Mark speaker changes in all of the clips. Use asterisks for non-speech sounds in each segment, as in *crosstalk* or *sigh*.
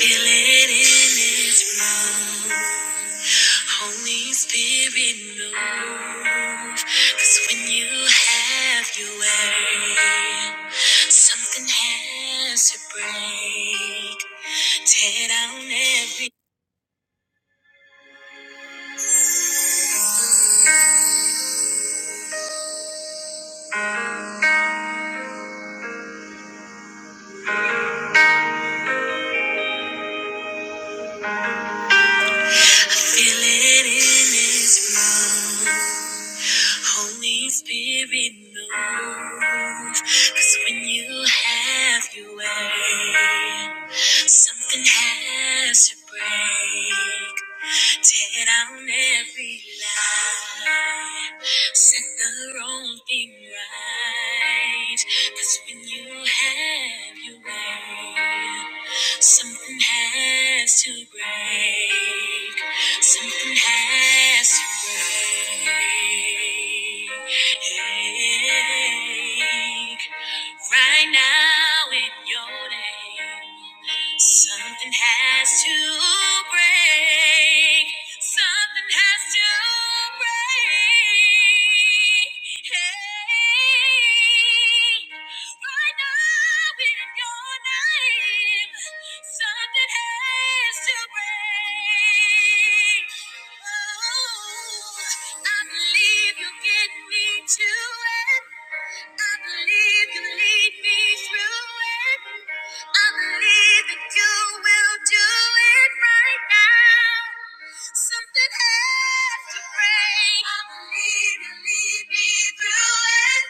Speaker 1: Feel it in this room. Holy Spirit, move. 'Cause when you have your way, something has to break. Tear down every Feel it in this room. Holy Spirit, move. 'Cause when you have your way, something has to break. Tear down every lie. Set the wrong thing right. Cause when you have your way, something has to break. Something has to break. Right now in your name. Something has to break. Something has to break. Hey, right now in your name, something has to break. Oh, I believe you'll get me to it. I believe you lead me through it. I believe that you will do it right now. Something has to break. I believe you lead me through it.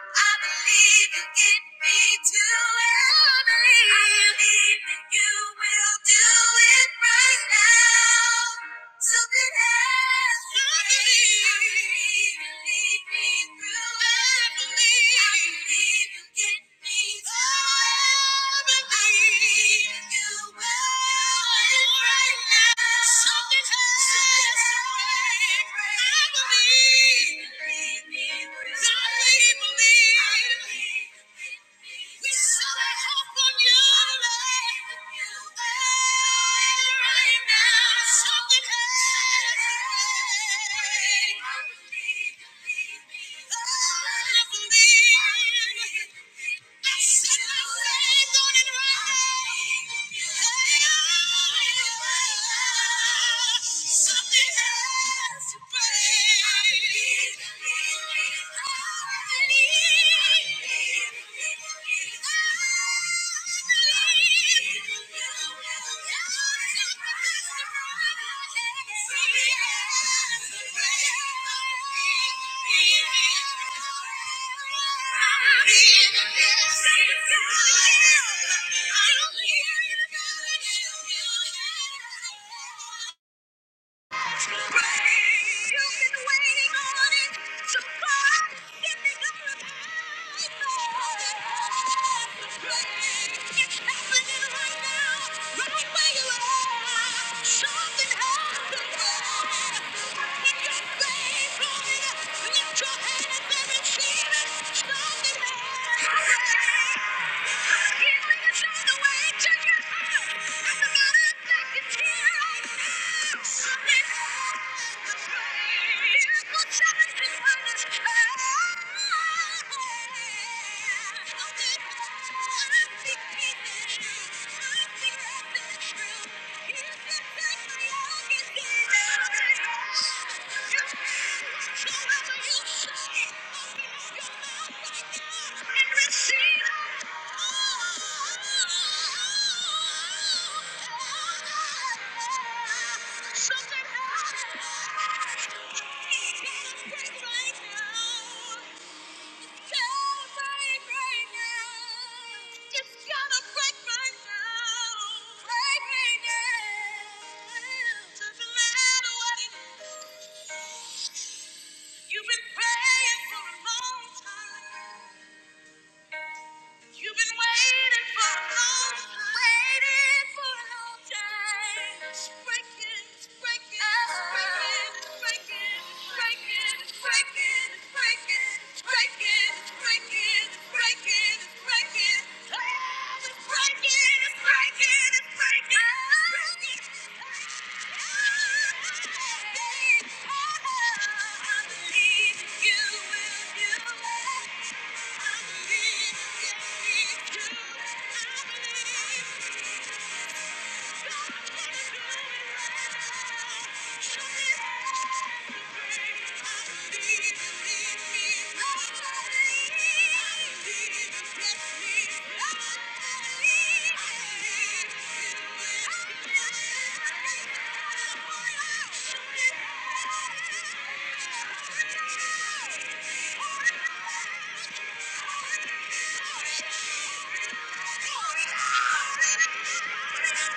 Speaker 1: I believe you get me to it. I believe that you will do it right now. Something has to leave. Lead me through every. Get me through every. You will right now. Something has to break. I I believe. Lead me through. I Believe. We set our hope on you right now. Something happens. I believe. I believe. Something has to break. Yeah. Something happened. Thank you. Something happened. He can't break Right now. You've been praying for a long time. You've been waiting for a long time. Waiting for a long time. It's breaking, it's breaking, it's breaking, it's breaking, it's breaking, it's breaking, it's breaking, it's breaking, it's breaking, it's breaking, it's breaking. Oh, it's breaking, it's breaking, it's breaking, it's breaking. Oh, I believe you will do it. Thank you.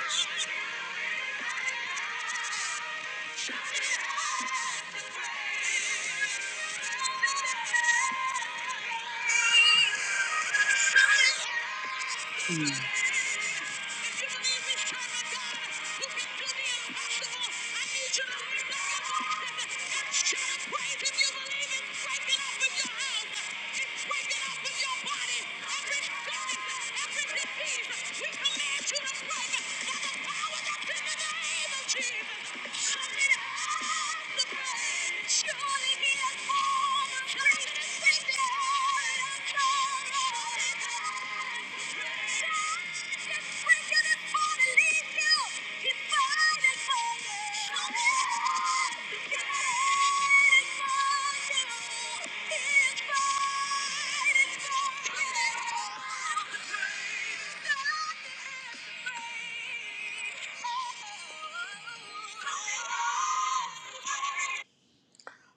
Speaker 1: *laughs* Mm. Thank you.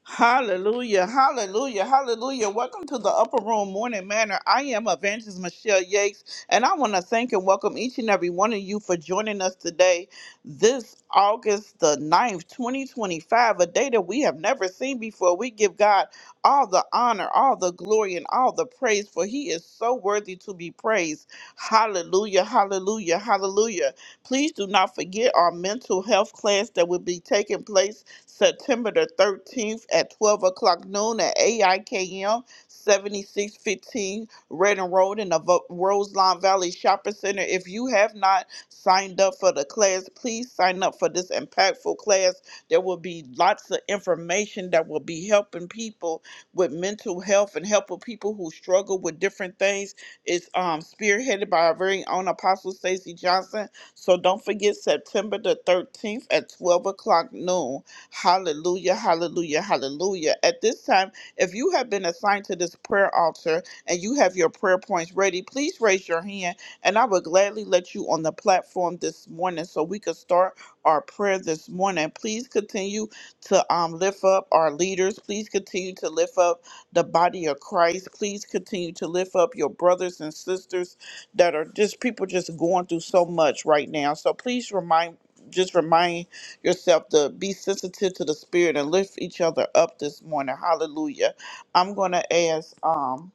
Speaker 1: Hallelujah, hallelujah, hallelujah. Welcome to the Upper Room Morning Manor. I am Evangelist Michelle Yates, and I want to thank and welcome each and every one of you for joining us today, this August the ninth, 2025, a day that we have never seen before. We give God all the honor, all the glory, and all the praise, for He is so worthy to be praised. Hallelujah, hallelujah, hallelujah. Please do not forget our mental health class that will be taking place September the 13th at 12 o'clock noon at AIKM 7615 Redden Road in the Vo- Roseline Valley Shopping Center. If you have not signed up for the class, please sign up for this impactful class. There will be lots of information that will be helping people with mental health and helping people who struggle with different things. It's um, spearheaded by our very own Apostle Stacy Johnson. So don't forget September the 13th at 12 o'clock noon. Hallelujah, hallelujah, hallelujah. At this time, if you have been assigned to this prayer altar and you have your prayer points ready, please raise your hand and I will gladly let you on the platform this morning so we can start our prayer this morning. Please continue to um, lift up our leaders. Please continue to lift up the body of Christ. Please continue to lift up your brothers and sisters that are just people just going through so much right now. So please remind just remind yourself to be sensitive to the spirit and lift each other up this morning. Hallelujah. I'm gonna ask um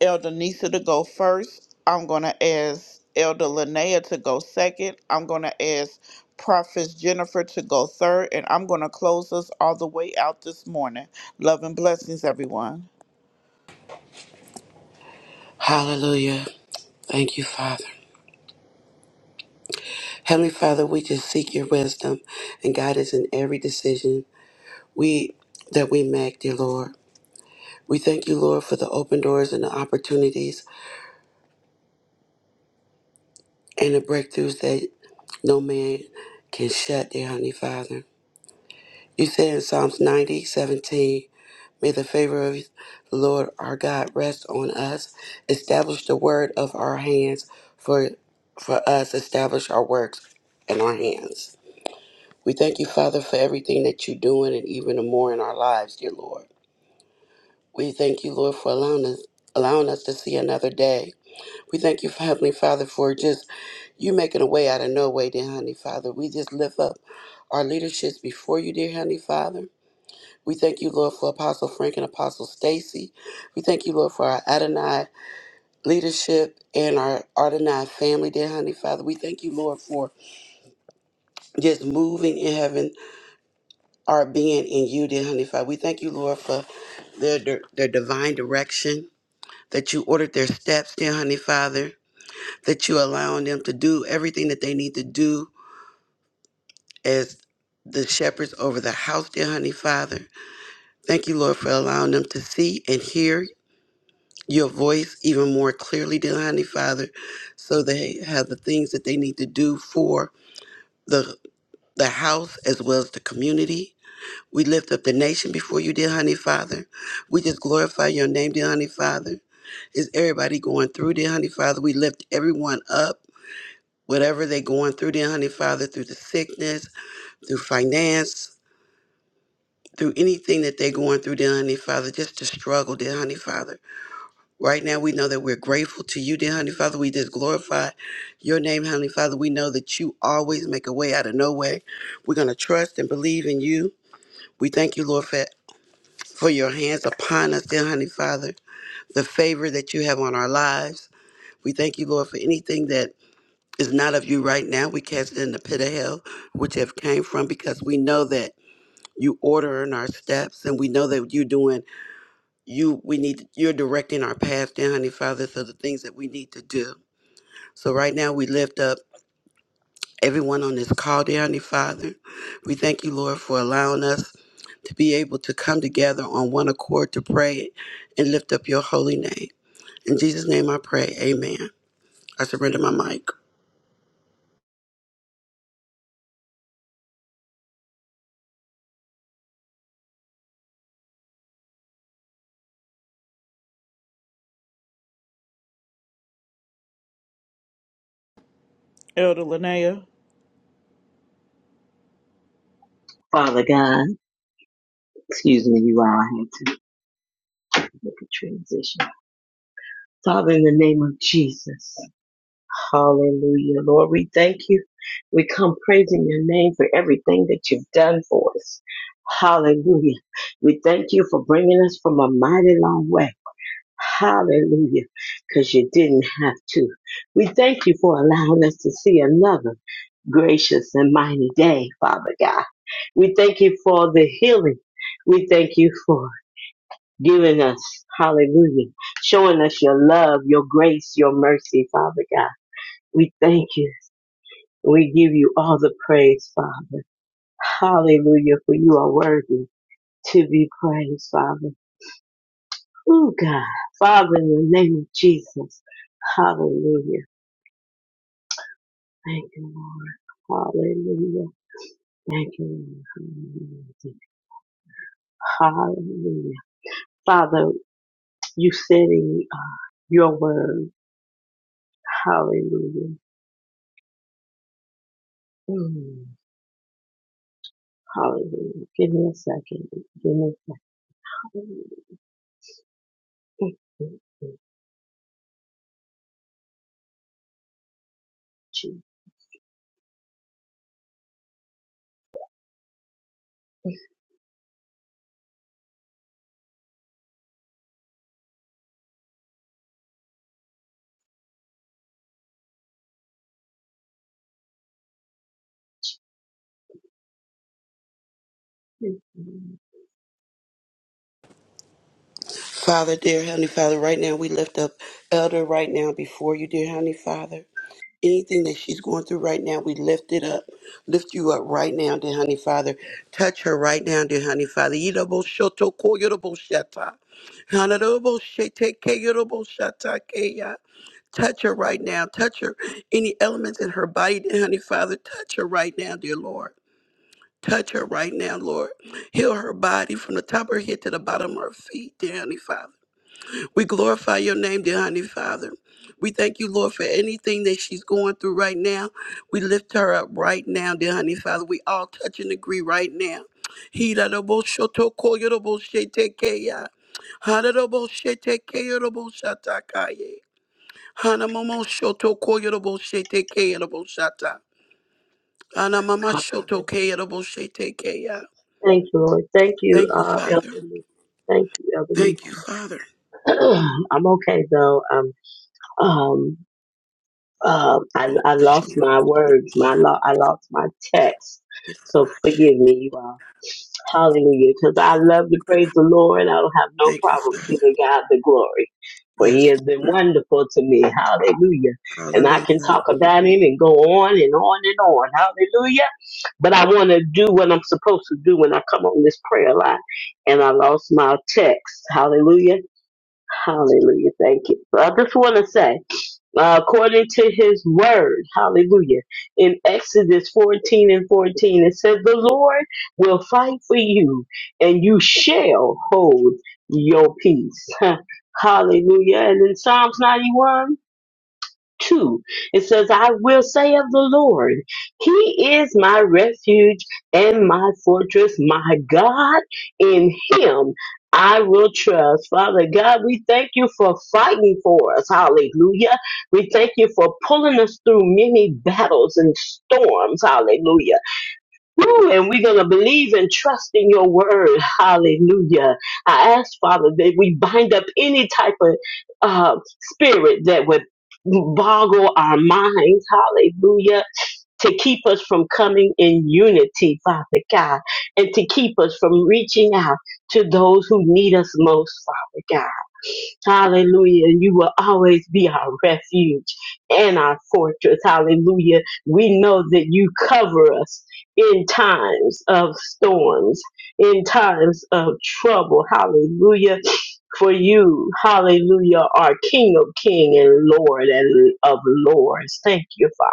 Speaker 1: Elder Nisa to go first. I'm gonna ask Elder Linnea to go second. I'm gonna ask Prophet Jennifer to go third, and I'm gonna close us all the way out this morning. Love and blessings, everyone.
Speaker 2: Hallelujah. Thank you, Father. Heavenly Father, we just seek your wisdom and guidance in every decision we that we make, dear Lord. We thank you, Lord, for the open doors and the opportunities and the breakthroughs that no man can shut, dear Heavenly Father. You said in Psalms 90 17, May the favor of the Lord our God rest on us. Establish the word of our hands for for us. Establish our works in our hands. We thank you, Father, for everything that you're doing and even more in our lives, dear Lord. We thank you, Lord, for allowing us allowing us to see another day. We thank you, Heavenly Father, for just you making a way out of no way, dear honey, Father. We just lift up our leaderships before you, dear honey, Father. We thank you, Lord, for Apostle Frank and Apostle Stacy. We thank you, Lord, for our Adonai leadership and our Adonai family, dear honey, Father. We thank you, Lord, for just moving in heaven, our being in you, dear honey, Father. We thank you, Lord, for their, dir- their divine direction, that you ordered their steps, dear Honey Father, that you allowing them to do everything that they need to do as the shepherds over the house, dear Honey Father. Thank you, Lord, for allowing them to see and hear your voice even more clearly, dear Honey Father, so they have the things that they need to do for the the house as well as the community. We lift up the nation before you, dear honey father. We just glorify your name, dear honey father. Is everybody going through, dear honey father? We lift everyone up, whatever they're going through, dear honey father, through the sickness, through finance, through anything that they're going through, dear honey father, just the struggle, dear honey father. Right now, we know that we're grateful to you, dear honey father. We just glorify your name, honey father. We know that you always make a way out of no way. We're going to trust and believe in you. We thank you, Lord, for for your hands upon us, dear honey Father, the favor that you have on our lives. We thank you, Lord, for anything that is not of you right now. We cast it in the pit of hell, which have came from, because we know that you order in our steps and we know that you're doing you we need you're directing our path dear honey father so the things that we need to do so right now we lift up everyone on this call dear honey father we thank you lord for allowing us to be able to come together on one accord to pray and lift up your holy name In Jesus' name I pray. Amen. I surrender my mic.
Speaker 1: Elder Linnea.
Speaker 3: Father God, excuse me, you all, I had to make a transition. Father, in the name of Jesus, hallelujah. Lord, we thank you. We come praising your name for everything that you've done for us. Hallelujah. We thank you for bringing us from a mighty long way. Hallelujah. Because you didn't have to. We thank you for allowing us to see another gracious and mighty day, Father God. We thank you for the healing. We thank you for giving us, hallelujah, showing us your love, your grace, your mercy, Father God. We thank you. We give you all the praise, Father. Hallelujah, for you are worthy to be praised, Father. Oh God, Father, in the name of Jesus, hallelujah. Thank you, Lord. Hallelujah. Thank you, Lord. Hallelujah. Father, you said in uh, your word, hallelujah. Mm. Hallelujah. Give me a second. Give me a second. Thank you, Jesus.
Speaker 2: Father, dear Heavenly Father, right now we lift up Elder right now before you, dear Heavenly Father. Anything that she's going through right now, we lift it up. Lift you up right now, dear Honey Father. Touch her right now, dear Honey Father. Yidaboshoto koyodoboshata. Hanadobosheteke yodoboshatakea. Touch her right now. Touch her. Any elements in her body, dear Honey Father, touch her right now, dear Lord. Touch her right now, Lord. Heal her body from the top of her head to the bottom of her feet, dear Honey Father. We glorify your name, dear Honey Father. We thank you, Lord, for anything that she's going through right now. We lift her up right now, dear Honey Father. We all touch and agree right now. hira do shoto ko yo do bo hara do bo she te shata ka hana momo shoto ko yo do bo she shata hana mama shoto
Speaker 3: Hallelujah.
Speaker 2: ke yo do bo
Speaker 3: Thank you, Lord. Thank you,
Speaker 2: Thank you,
Speaker 3: uh, Elder
Speaker 2: Father.
Speaker 3: Lisa. Thank you, Elder Lisa.
Speaker 2: Thank you, Father.
Speaker 3: *clears throat* I'm okay though. Um, um, um, I,
Speaker 2: You know,
Speaker 3: I
Speaker 2: I sure-
Speaker 3: lost my words. My lo- I lost my text.
Speaker 2: you
Speaker 3: So
Speaker 2: know, I
Speaker 3: forgive me, you all. Hallelujah. Because I
Speaker 2: sure-
Speaker 3: love to praise the Lord. I don't have no
Speaker 2: Thank you,
Speaker 3: problem
Speaker 2: Father.
Speaker 3: giving God the glory. For he
Speaker 2: Yes.
Speaker 3: has been wonderful to me. Hallelujah. And I can
Speaker 2: Hallelujah.
Speaker 3: talk about him and go on and on and on. Hallelujah. But I want to do what I'm supposed to do when I come on this prayer line. And I lost my text. Hallelujah. Hallelujah. Thank you. So I just want to say uh, according to his word. Hallelujah. In Exodus 14 and 14, it says, The Lord will fight for you, and you shall hold your peace. *laughs* Hallelujah. And in Psalms 91, 2. It says, I will say of the Lord, He is my refuge and my fortress, my God. In Him I will trust. Father God, we thank you for fighting for us. Hallelujah. We thank you for pulling us through many battles and storms. Hallelujah. Woo, and we're going to believe and trust in your word. Hallelujah. I ask, Father, that we bind up any type of uh, spirit that would boggle our minds. Hallelujah. To keep us from coming in unity, Father God, and to keep us from reaching out to those who need us most, Father God. Hallelujah. And you will always be our refuge and our fortress. Hallelujah. We know that you cover us in times of storms, in times of trouble. Hallelujah. For you, hallelujah, are King of King and Lord and of Lords. Thank you, Father.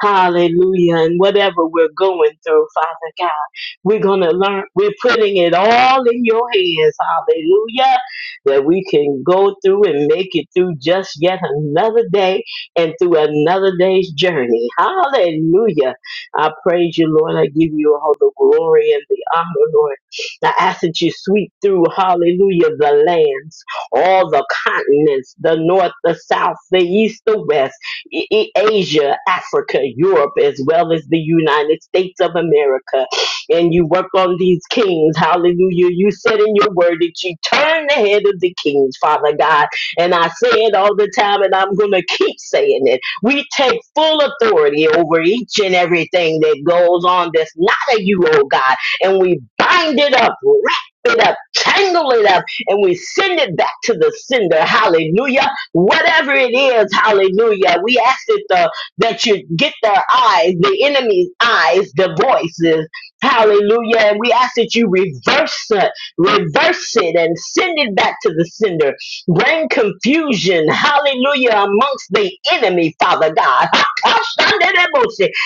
Speaker 3: Hallelujah. And whatever we're going through, Father God, we're going to learn. We're putting it all in your hands. Hallelujah. That we can go through and make it through just yet another day and through another day's journey. Hallelujah. I praise you, Lord. I give you all the glory and the honor, Lord. I ask that you sweep through, hallelujah, the lands, all the continents, the north, the south, the east, the west. I- Asia, Africa, Europe, as well as the United States of America. And you work on these kings. Hallelujah. You said in your word that you turn the head of the kings, Father God. And I say it all the time, and I'm going to keep saying it. We take full authority over each and everything that goes on that's not of you, oh God. And we bind it up, wrap it up, tangle it up, and we send it back to the sender. Hallelujah Whatever it is, hallelujah. We ask it the, that you get their eyes, the enemy's eyes, the voices, hallelujah. And we ask that you reverse it, reverse it and send it back to the sender. Bring confusion, hallelujah, amongst the enemy, Father God.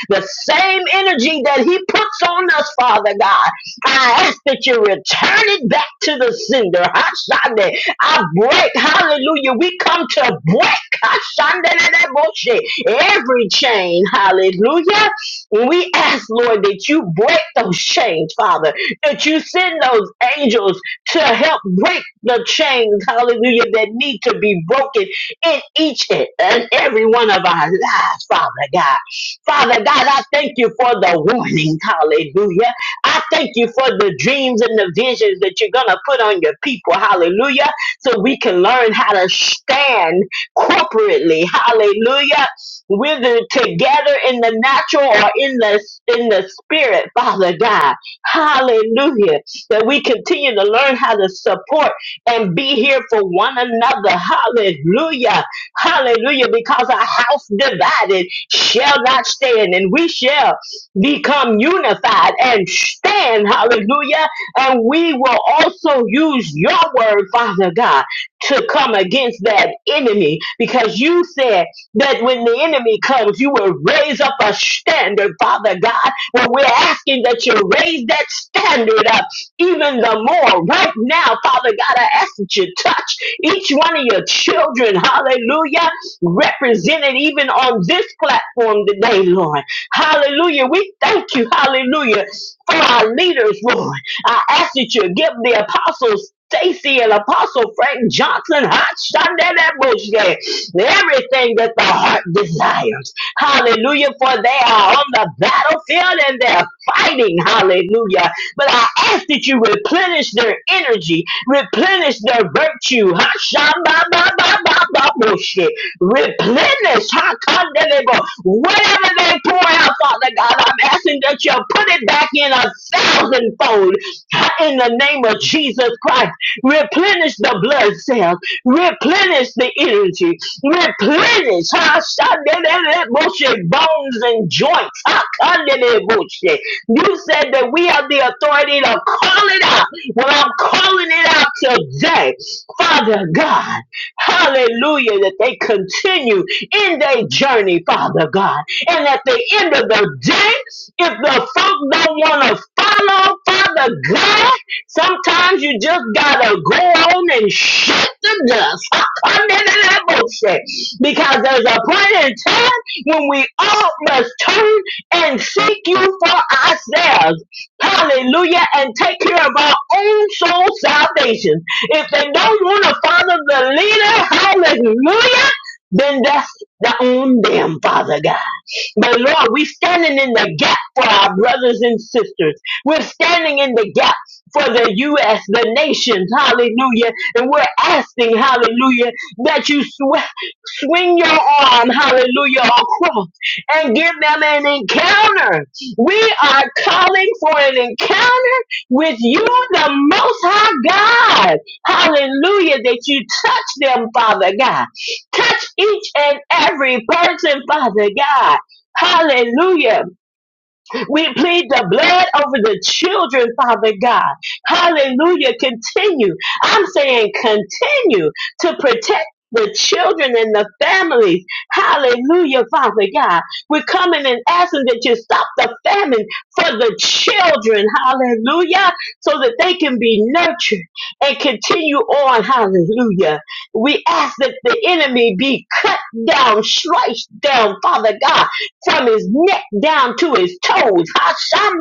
Speaker 3: The same energy that he puts on us, Father God. I ask that you return it back to the sender. I break, hallelujah. We come to break Ashandeleleboshe, every chain, hallelujah. And we ask, Lord, that you break those chains, Father, that you send those angels to help break the chains, hallelujah, that need to be broken in each and every one of our lives, Father God. Father God, I thank you for the warnings, hallelujah. I thank you for the dreams and the visions that you're going to put on your people. Hallelujah so we can learn how to stand corporately. Hallelujah. Whether together in the natural or in the in the spirit, Father God. Hallelujah. That we continue to learn how to support and be here for one another. Hallelujah. Hallelujah. Because a house divided shall not stand, and we shall become unified and stand. Hallelujah and we will also use your word, Father God, to come against that enemy because you said that when the enemy comes, you will raise up a standard, Father God. Well, we're asking that you raise that standard up even the more right now, Father God. I ask that you touch each one of your children, hallelujah, represented even on this platform today, Lord. Hallelujah. We thank you, hallelujah, for our leaders, Lord. I ask that you give the apostles Stacy and Apostle Frank Johnson hot shot that bullshit. Everything that the heart desires. Hallelujah. For they are on the battlefield and they're fighting. Hallelujah. But I ask that you replenish their energy, replenish their virtue. Hot shot ba ba ba ba ba bullshit. Replenish hot condemnable. Whatever they pour out, Father God, I'm asking that you put it back in a thousandfold replenish in the name of Jesus Christ. Replenish the blood cells. Replenish the energy. Replenish huh? Shadadadaboshe, bones and joints. huh? Kadadaboshe. You said that we have the authority to call it out. Well, I'm calling it out today. Father God, hallelujah, that they continue in their journey, Father God. And at the end of the day, if the folk don't want to follow Father God, sometimes you just gotta go on and shut the dust. *laughs* Come in that have bullshit. Because there's a point in time when we all must turn and seek you for ourselves. Hallelujah. And take care of our own soul salvation. If they don't want to follow the leader, hallelujah, then that's the on them, Father God. But Lord, we're standing in the gap for our brothers and sisters. We're standing in the gap for the U.S., the nations, hallelujah. And we're asking, hallelujah, that you sw- swing your arm, hallelujah, across and give them an encounter. We are calling for an encounter with you, the Most High God. Hallelujah, that you touch them, Father God. Touch each and every person, Father God. Hallelujah. We plead the blood over the children, Father God. Hallelujah. Continue. I'm saying continue to protect the children and the families. Hallelujah, Father God. We're coming and asking that you stop the famine for the children. Hallelujah. So that they can be nurtured and continue on. Hallelujah. We ask that the enemy be cut down, sliced down, Father God from his neck down to his toes.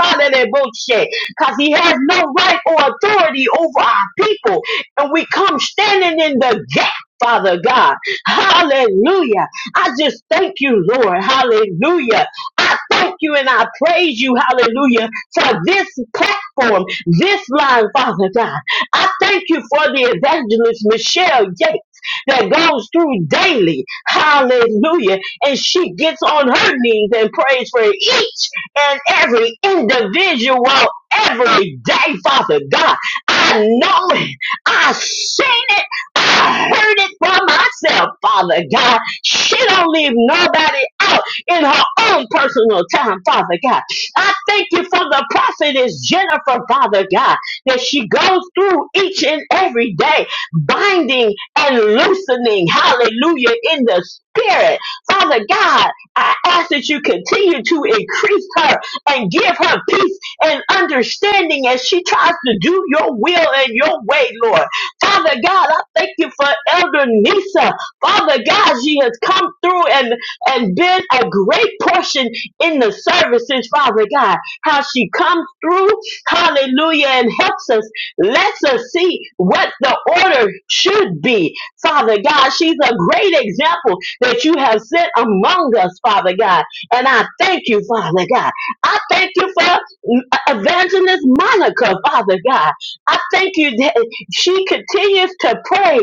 Speaker 3: Because he has no right or authority over our people. And we come standing in the gap. Father God, hallelujah. I just thank you, Lord, hallelujah. I thank you and I praise you, hallelujah, for this platform, this line, Father God. I thank you for the evangelist Michelle Yates that goes through daily, hallelujah, and she gets on her knees and prays for each and every individual every day, Father God. I know it. I seen it. I heard it for myself, Father God. She don't leave nobody out in her own personal time, Father God. I thank you for the prophetess Jennifer, Father God, that she goes through each and every day, binding and loosening, hallelujah, in the spirit. Father God, I ask that you continue to increase her and give her peace and understanding as she tries to do your will and your way, Lord. Father God, I thank you for Elder Nisa. Father God, she has come through and, and been a great portion in the services, Father God. How she comes through, hallelujah, and helps us Let's us see what the order should be. Father God, she's a great example that you have set among us, Father God. And I thank you, Father God. I thank you for mm, Evangelist Monica, Father God. I thank you that she continues to pray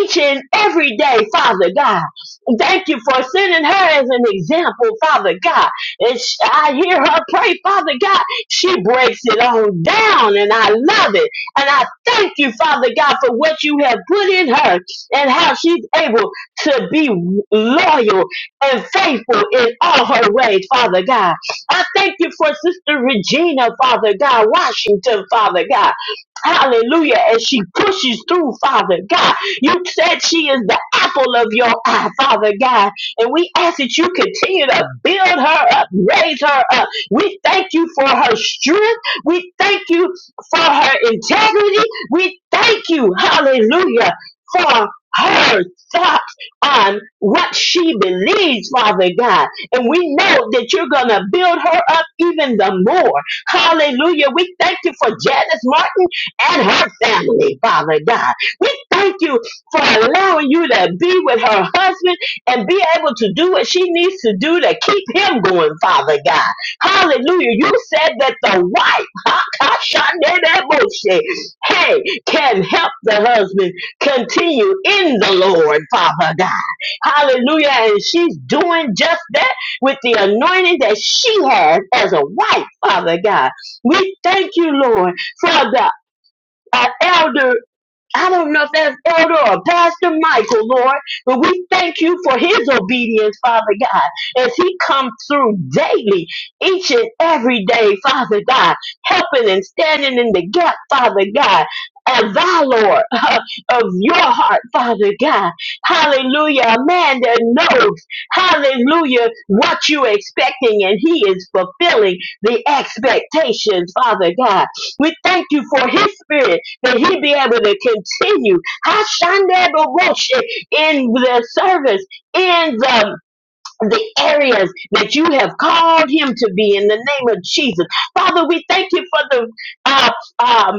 Speaker 3: each and every day, Father God. Thank you for sending her as an example, Father God. And sh- I hear her pray, Father God. She breaks it all down, and I love it. And I thank you, Father God, for what you have put in her and how she's able to be loyal and faithful in all her ways, Father God. I thank you for Sister Regina, Father God, Washington, Father God. Hallelujah. As she pushes through, Father God. You said she is the apple of your eye, Father God. And we ask that you continue to build her up, raise her up. We thank you for her strength. We thank you for her integrity. We thank you, hallelujah, for her thoughts on what she believes, Father God. And we know that you're going to build her up even the more. Hallelujah. We thank you for Janice Martin and her family, Father God. We thank you for allowing you to be with her husband and be able to do what she needs to do to keep him going, Father God. Hallelujah. You said that the wife, Tashandedeboshe. Hey, can help the husband continue in the Lord, Father God. Hallelujah. And she's doing just that with the anointing that she has as a wife, Father God. We thank you, Lord, for the uh, elder. I don't know if that's Elder or Pastor Michael, Lord, but we thank you for his obedience, Father God, as he comes through daily, each and every day, Father God, helping and standing in the gap, Father God. Of thy Lord, *laughs* of your heart, Father God. Hallelujah. A man that knows, hallelujah, what you're expecting, and he is fulfilling the expectations, Father God. We thank you for his spirit that he be able to continue Hashanderoboshe, in the service, in the, the areas that you have called him to be in the name of Jesus. Father, we thank you for the uh, uh,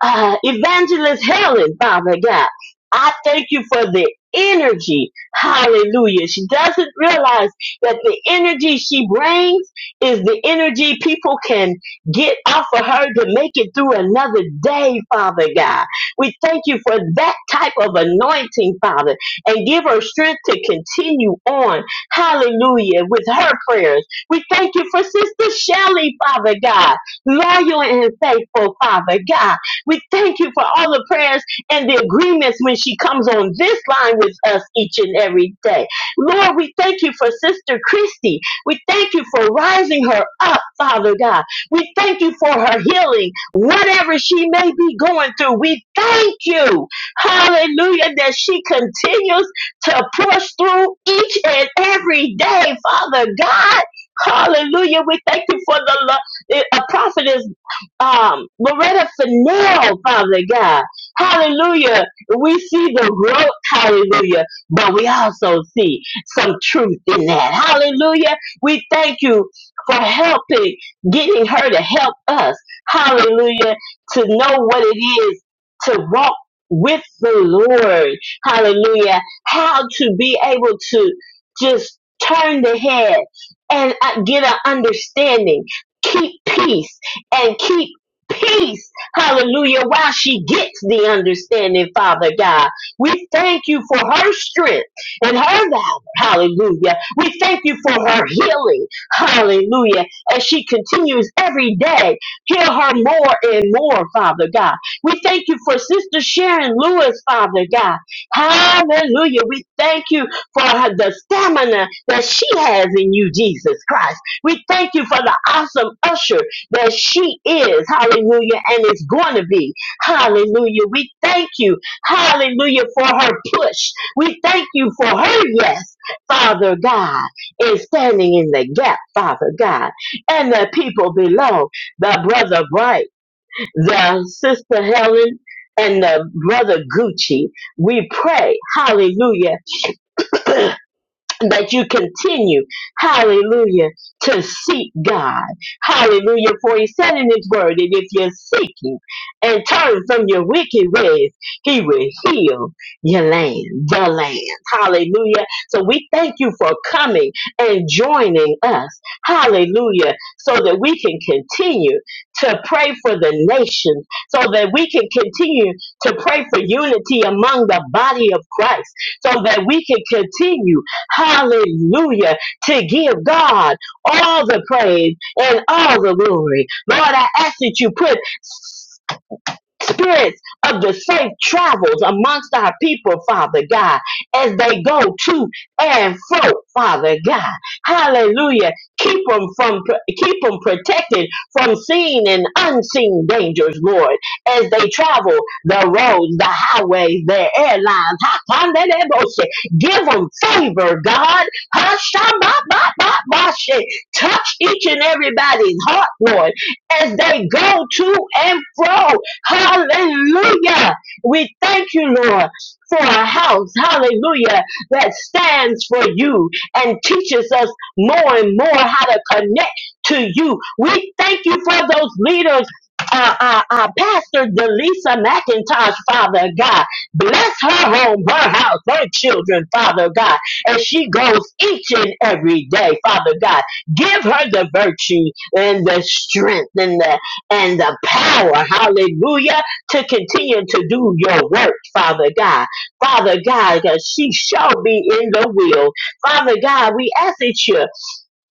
Speaker 3: uh, Evangelist Helen, Father God. I thank you for the energy. Hallelujah. She doesn't realize that the energy she brings is the energy people can get off of her to make it through another day, Father God. We thank you for that type of anointing, Father, and give her strength to continue on. Hallelujah. With her prayers. We thank you for Sister Shelley, Father God. Loyal and faithful, Father God. We thank you for all the prayers and the agreements when she comes on this line with us each and every day. Lord, we thank you for Sister Christy. We thank you for rising her up, Father God. We thank you for her healing, whatever she may be going through. We thank you, hallelujah, that she continues to push through each and every day, Father God. Hallelujah. We thank you for the lo- a prophet um, Loretta Fennell, Father God. Hallelujah. We see the growth, hallelujah, but we also see some truth in that. Hallelujah. We thank you for helping, getting her to help us, hallelujah, to know what it is to walk with the Lord. Hallelujah. How to be able to just turn the head and uh, get an understanding. Keep peace and keep peace. Hallelujah. While she gets the understanding, Father God. We thank you for her strength and her valor. Hallelujah. We thank you for her healing. Hallelujah. As she continues every day, heal her more and more, Father God. We thank you for Sister Sharon Lewis, Father God. Hallelujah. We thank you for her, the stamina that she has in you, Jesus Christ. We thank you for the awesome usher that she is. Hallelujah. And is going to be. Hallelujah. We thank you. Hallelujah for her push. We thank you for her yes, Father God, in standing in the gap, Father God. And the people below, the brother Bright, the sister Helen, and the brother Gucci, we pray, hallelujah, that you continue, hallelujah, to seek God. Hallelujah. For he said in his word that if you're seeking and turn from your wicked ways, he will heal your land, the land. Hallelujah. So we thank you for coming and joining us. Hallelujah. So that we can continue to pray for the nations, so that we can continue to pray for unity among the body of Christ, so that we can continue Hallelujah. To give God all the praise and all the glory. Lord, I ask that you put spirits of the safe travels amongst our people, Father God, as they go to and fro, Father God. Hallelujah. Keep them from keep them protected from seen and unseen dangers, Lord, as they travel the roads, the highways, the airlines. Hakandelebose. Give them favor, God. ba ba ba ba Hashababababashe. Touch each and everybody's heart, Lord, as they go to and fro. Hallelujah. We thank you, Lord, for a house, hallelujah, that stands for you and teaches us more and more how to connect to you. We thank you for those leaders. Uh, uh, uh, Pastor Delisa McIntosh, Father God, bless her home, her house, her children, Father God, as she goes each and every day, Father God. Give her the virtue and the strength and the and the power, hallelujah, to continue to do your work, Father God. Father God, that she shall be in the will. Father God, we ask that you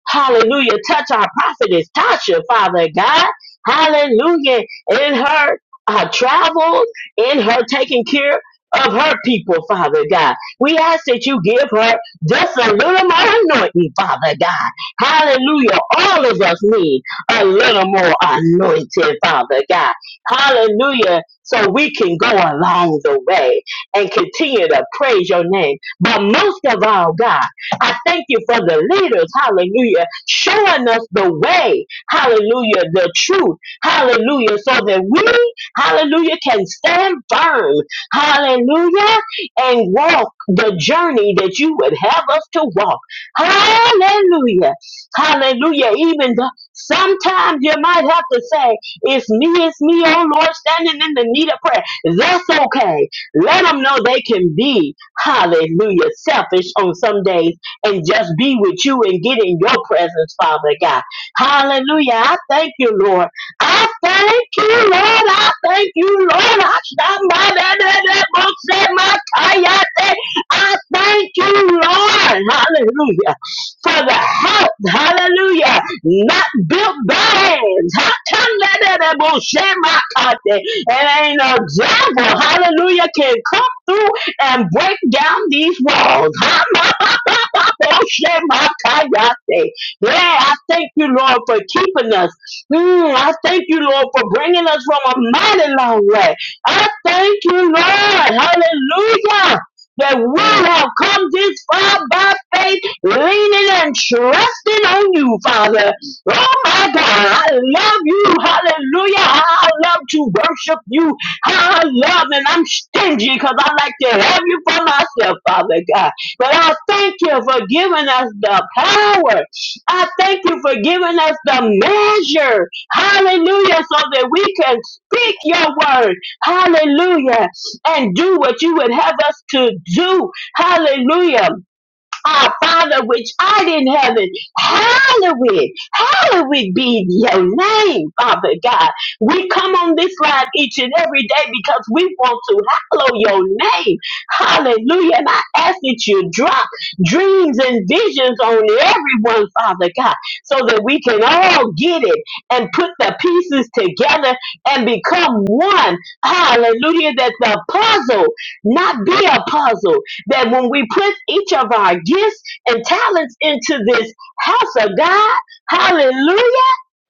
Speaker 3: Hallelujah. Touch our prophetess, Tasha, Father God. Hallelujah. In her uh, travels, in her taking care of her people, Father God. We ask that you give her just a little more anointing, Father God. Hallelujah. All of us need a little more anointing, Father God. Hallelujah. So we can go along the way and continue to praise your name. But most of all, God, I thank you for the leaders, hallelujah, showing us the way, hallelujah, the truth, hallelujah, so that we, hallelujah, can stand firm, hallelujah, and walk the journey that you would have us to walk. Hallelujah, hallelujah. Even though sometimes you might have to say, It's me, it's me, oh Lord, standing in the need of prayer. That's okay. Let them know they can be, hallelujah, selfish on some days and just be with you and get in your presence, Father God. Hallelujah. I thank you, Lord. I thank you, Lord. I thank you, Lord. I stand by that, that, that book said my kayate. I thank you, Lord. Hallelujah. For the help. Hallelujah. Not built by hands. I come that, that, that book said my kayate. And ain't no devil. Hallelujah. Can come through and break down these walls. Yeah, I thank you, Lord, for keeping us. Mm, I thank you, Lord, for bringing us from a mighty long way. I thank you, Lord. Hallelujah. That we have come this far by faith, leaning and trusting on you, Father. Oh my God, I love you. Hallelujah. I love to worship you. I love and I'm stingy because I like to have you for myself, Father God. But I thank you for giving us the power. I thank you for giving us the measure. Hallelujah. So that we can speak your word. Hallelujah. And do what you would have us to do. Hallelujah. Our Father which art in heaven, hallowed, hallowed be your name, Father God. We come on this line each and every day because we want to hallow your name. Hallelujah. And I ask that you drop dreams and visions on everyone, Father God, so that we can all get it and put the pieces together and become one. Hallelujah. That the puzzle not be a puzzle, that when we put each of our gifts and talents into this house of God, hallelujah,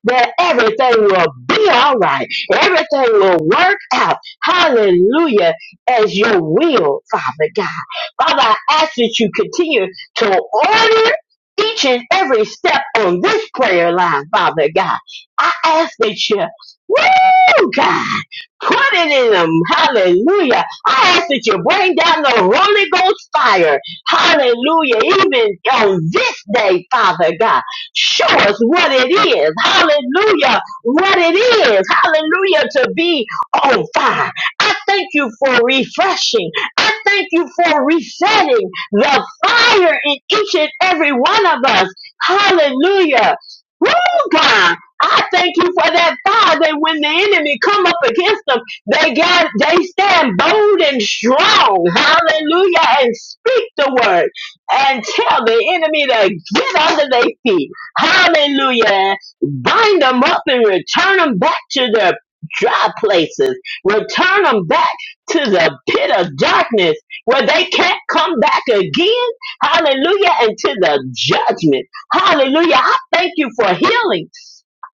Speaker 3: that everything will be all right. Everything will work out. Hallelujah. As your will, Father God. Father, I ask that you continue to order each and every step on this prayer line, Father God. I ask that you, woo, God, put it in them. Hallelujah. I ask that you bring down the Holy Ghost fire. Hallelujah. Even on this day, Father God. Show us what it is. Hallelujah. What it is. Hallelujah. To be on fire. I thank you for refreshing. I thank you for resetting the fire in each and every one of us. Hallelujah. Woo, God. I thank you for that fire that when the enemy come up against them, they got they stand bold and strong. Hallelujah. And speak the word and tell the enemy to get under their feet. Hallelujah. Bind them up and return them back to their dry places. Return them back to the pit of darkness where they can't come back again. Hallelujah. And to the judgment. Hallelujah. I thank you for healing.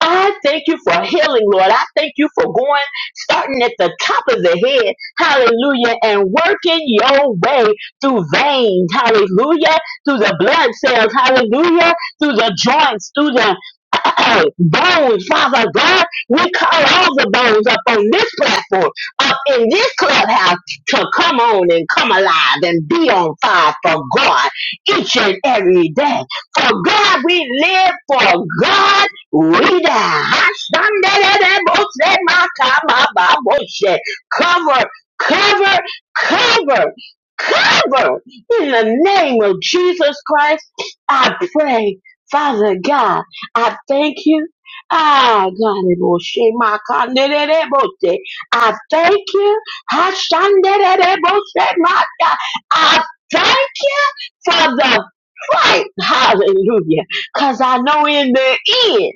Speaker 3: I thank you for healing, Lord. I thank you for going, starting at the top of the head, hallelujah, and working your way through veins, hallelujah, through the blood cells, hallelujah, through the joints, through the uh, *clears throat* bones, Father God. We call all the bones up on this platform, up in this clubhouse, to come on and come alive and be on fire for God each and every day. For God we live, for God. Rita, Hasandelebose, Makamababose. cover, cover, cover, cover. In the name of Jesus Christ, I pray, Father God, I thank you. Ah, God, it will shame my Makandelebose. I thank you. Hasandelebose, Maka. I thank you for the fight. Hallelujah. Cause I know in the end,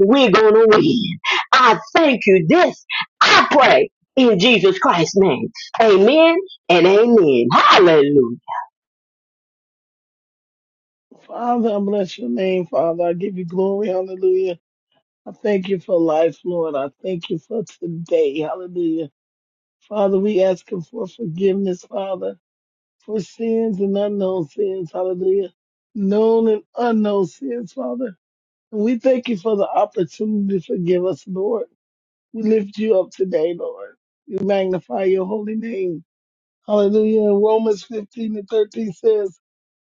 Speaker 3: we're gonna win. I thank you this. I pray in Jesus Christ's name. Amen and amen. Hallelujah.
Speaker 4: Father, I bless your name, Father. I give you glory. Hallelujah. I thank you for life, Lord. I thank you for today. Hallelujah. Father, we asking for forgiveness, Father, for sins and unknown sins. Hallelujah. Known and unknown sins, Father. And we thank you for the opportunity to forgive us, Lord. We lift you up today, Lord. We magnify your holy name. Hallelujah. Romans 15 and 13 says,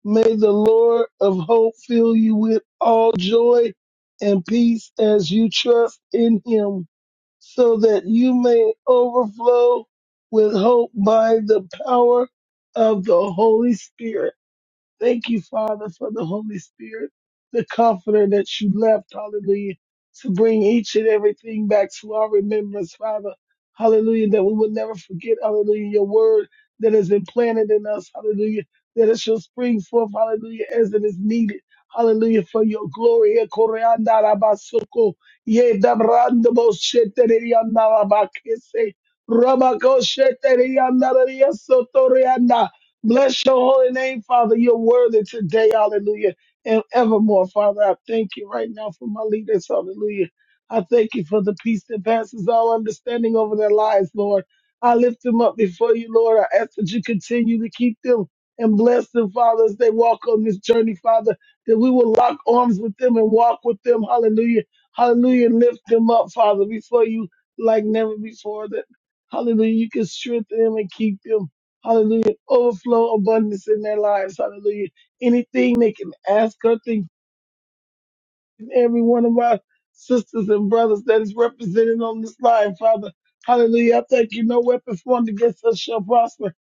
Speaker 4: May the Lord of hope fill you with all joy and peace as you trust in him, so that you may overflow with hope by the power of the Holy Spirit. Thank you, Father, for the Holy Spirit, the comforter that you left, hallelujah, to bring each and everything back to our remembrance, Father. Hallelujah, that we will never forget, hallelujah, your word that is implanted in us, hallelujah, that it shall spring forth, hallelujah, as it is needed. Hallelujah, for your glory. Eh, koreanda rabasoko, ye dabrando bo sheterianda rabakese, rabako sheterianda rariasotorianda. Bless your holy name, Father. You're worthy today, hallelujah, and evermore, Father. I thank you right now for my leaders, hallelujah. I thank you for the peace that passes all understanding over their lives, Lord. I lift them up before you, Lord. I ask that you continue to keep them and bless them, Father, as they walk on this journey, Father, that we will lock arms with them and walk with them, hallelujah. Hallelujah. And Lift them up, Father, before you like never before, that, hallelujah, you can strengthen them and keep them. Hallelujah. Overflow abundance in their lives. Hallelujah. Anything they can ask or think and every one of our sisters and brothers that is represented on this line, Father. Hallelujah. I thank you. No weapons formed against us shall prosper.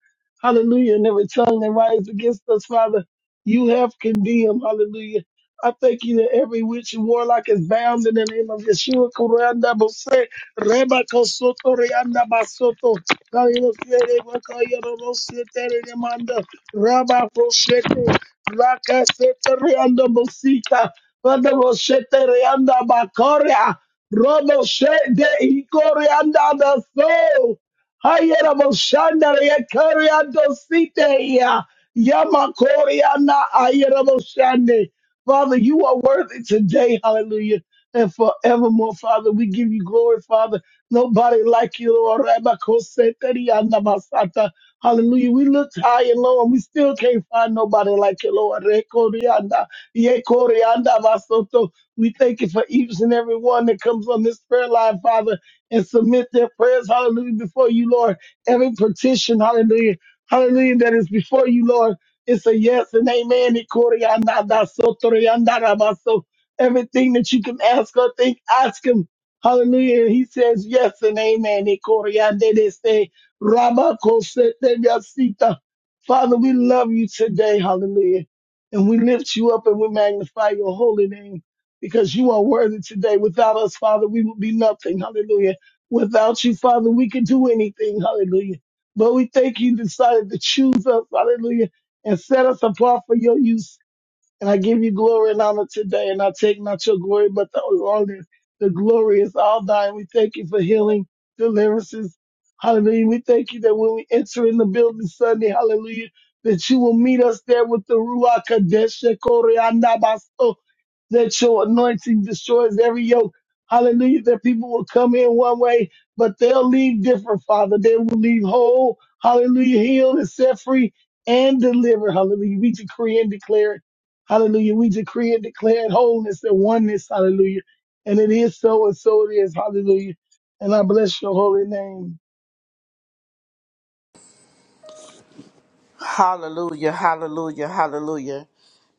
Speaker 4: Hallelujah. And every tongue that rises against us, Father, you have condemned. Hallelujah. I thank you that every witch and warlock is bound in the name of Yeshua. Kuranda Bose, Reba Kosoto, Reanda Basoto, Kayosere, Wakayoro, Rosete, Remanda, Rabba Rosete, Raka Sete, Reanda Bosika, Father, we set the Reanda Bakoria, Robo Shede Ikorianda the soul. Hayera Boshanda Rekariando Site Ya, Yamakoriana Ayera Boshande. Father, you are worthy today, hallelujah, and forevermore, Father. We give you glory, Father. Nobody like you, Lord. Rabba Kosete Rianda Basata. Hallelujah. We looked high and low and we still can't find nobody like you, Lord. Rekorianda. Ye kore anda basoto. We thank you for each and every one that comes on this prayer line, Father, and submit their prayers, hallelujah, before you, Lord. Every petition, hallelujah, hallelujah, that is before you, Lord. It's a yes and amen. Ye kore anda basoto, re anda rabaso. Everything that you can ask or think, ask him. Hallelujah. He says yes and amen. Ye kore ande de se, Rabba kosete yasita. Father, we love you today. Hallelujah. And we lift you up and we magnify your holy name because you are worthy today. Without us, Father, we would be nothing. Hallelujah. Without you, Father, we could do anything. Hallelujah. But we thank you decided to choose us. Hallelujah. And set us apart for your use. And I give you glory and honor today. And I take not your glory, but the honor. The glory is all thine. We thank you for healing, deliverances. Hallelujah. We thank you that when we enter in the building Sunday, hallelujah, that you will meet us there with the Ruach Kadesh, Shekori, Anabaso, that your anointing destroys every yoke. Hallelujah. That people will come in one way, but they'll leave different, Father. They will leave whole. Hallelujah. Healed and set free and delivered. Hallelujah. We decree and declare. it. Hallelujah. We decree and declare wholeness and oneness. Hallelujah. And it is so and so it is. Hallelujah. And I bless your holy name.
Speaker 1: Hallelujah, hallelujah, hallelujah.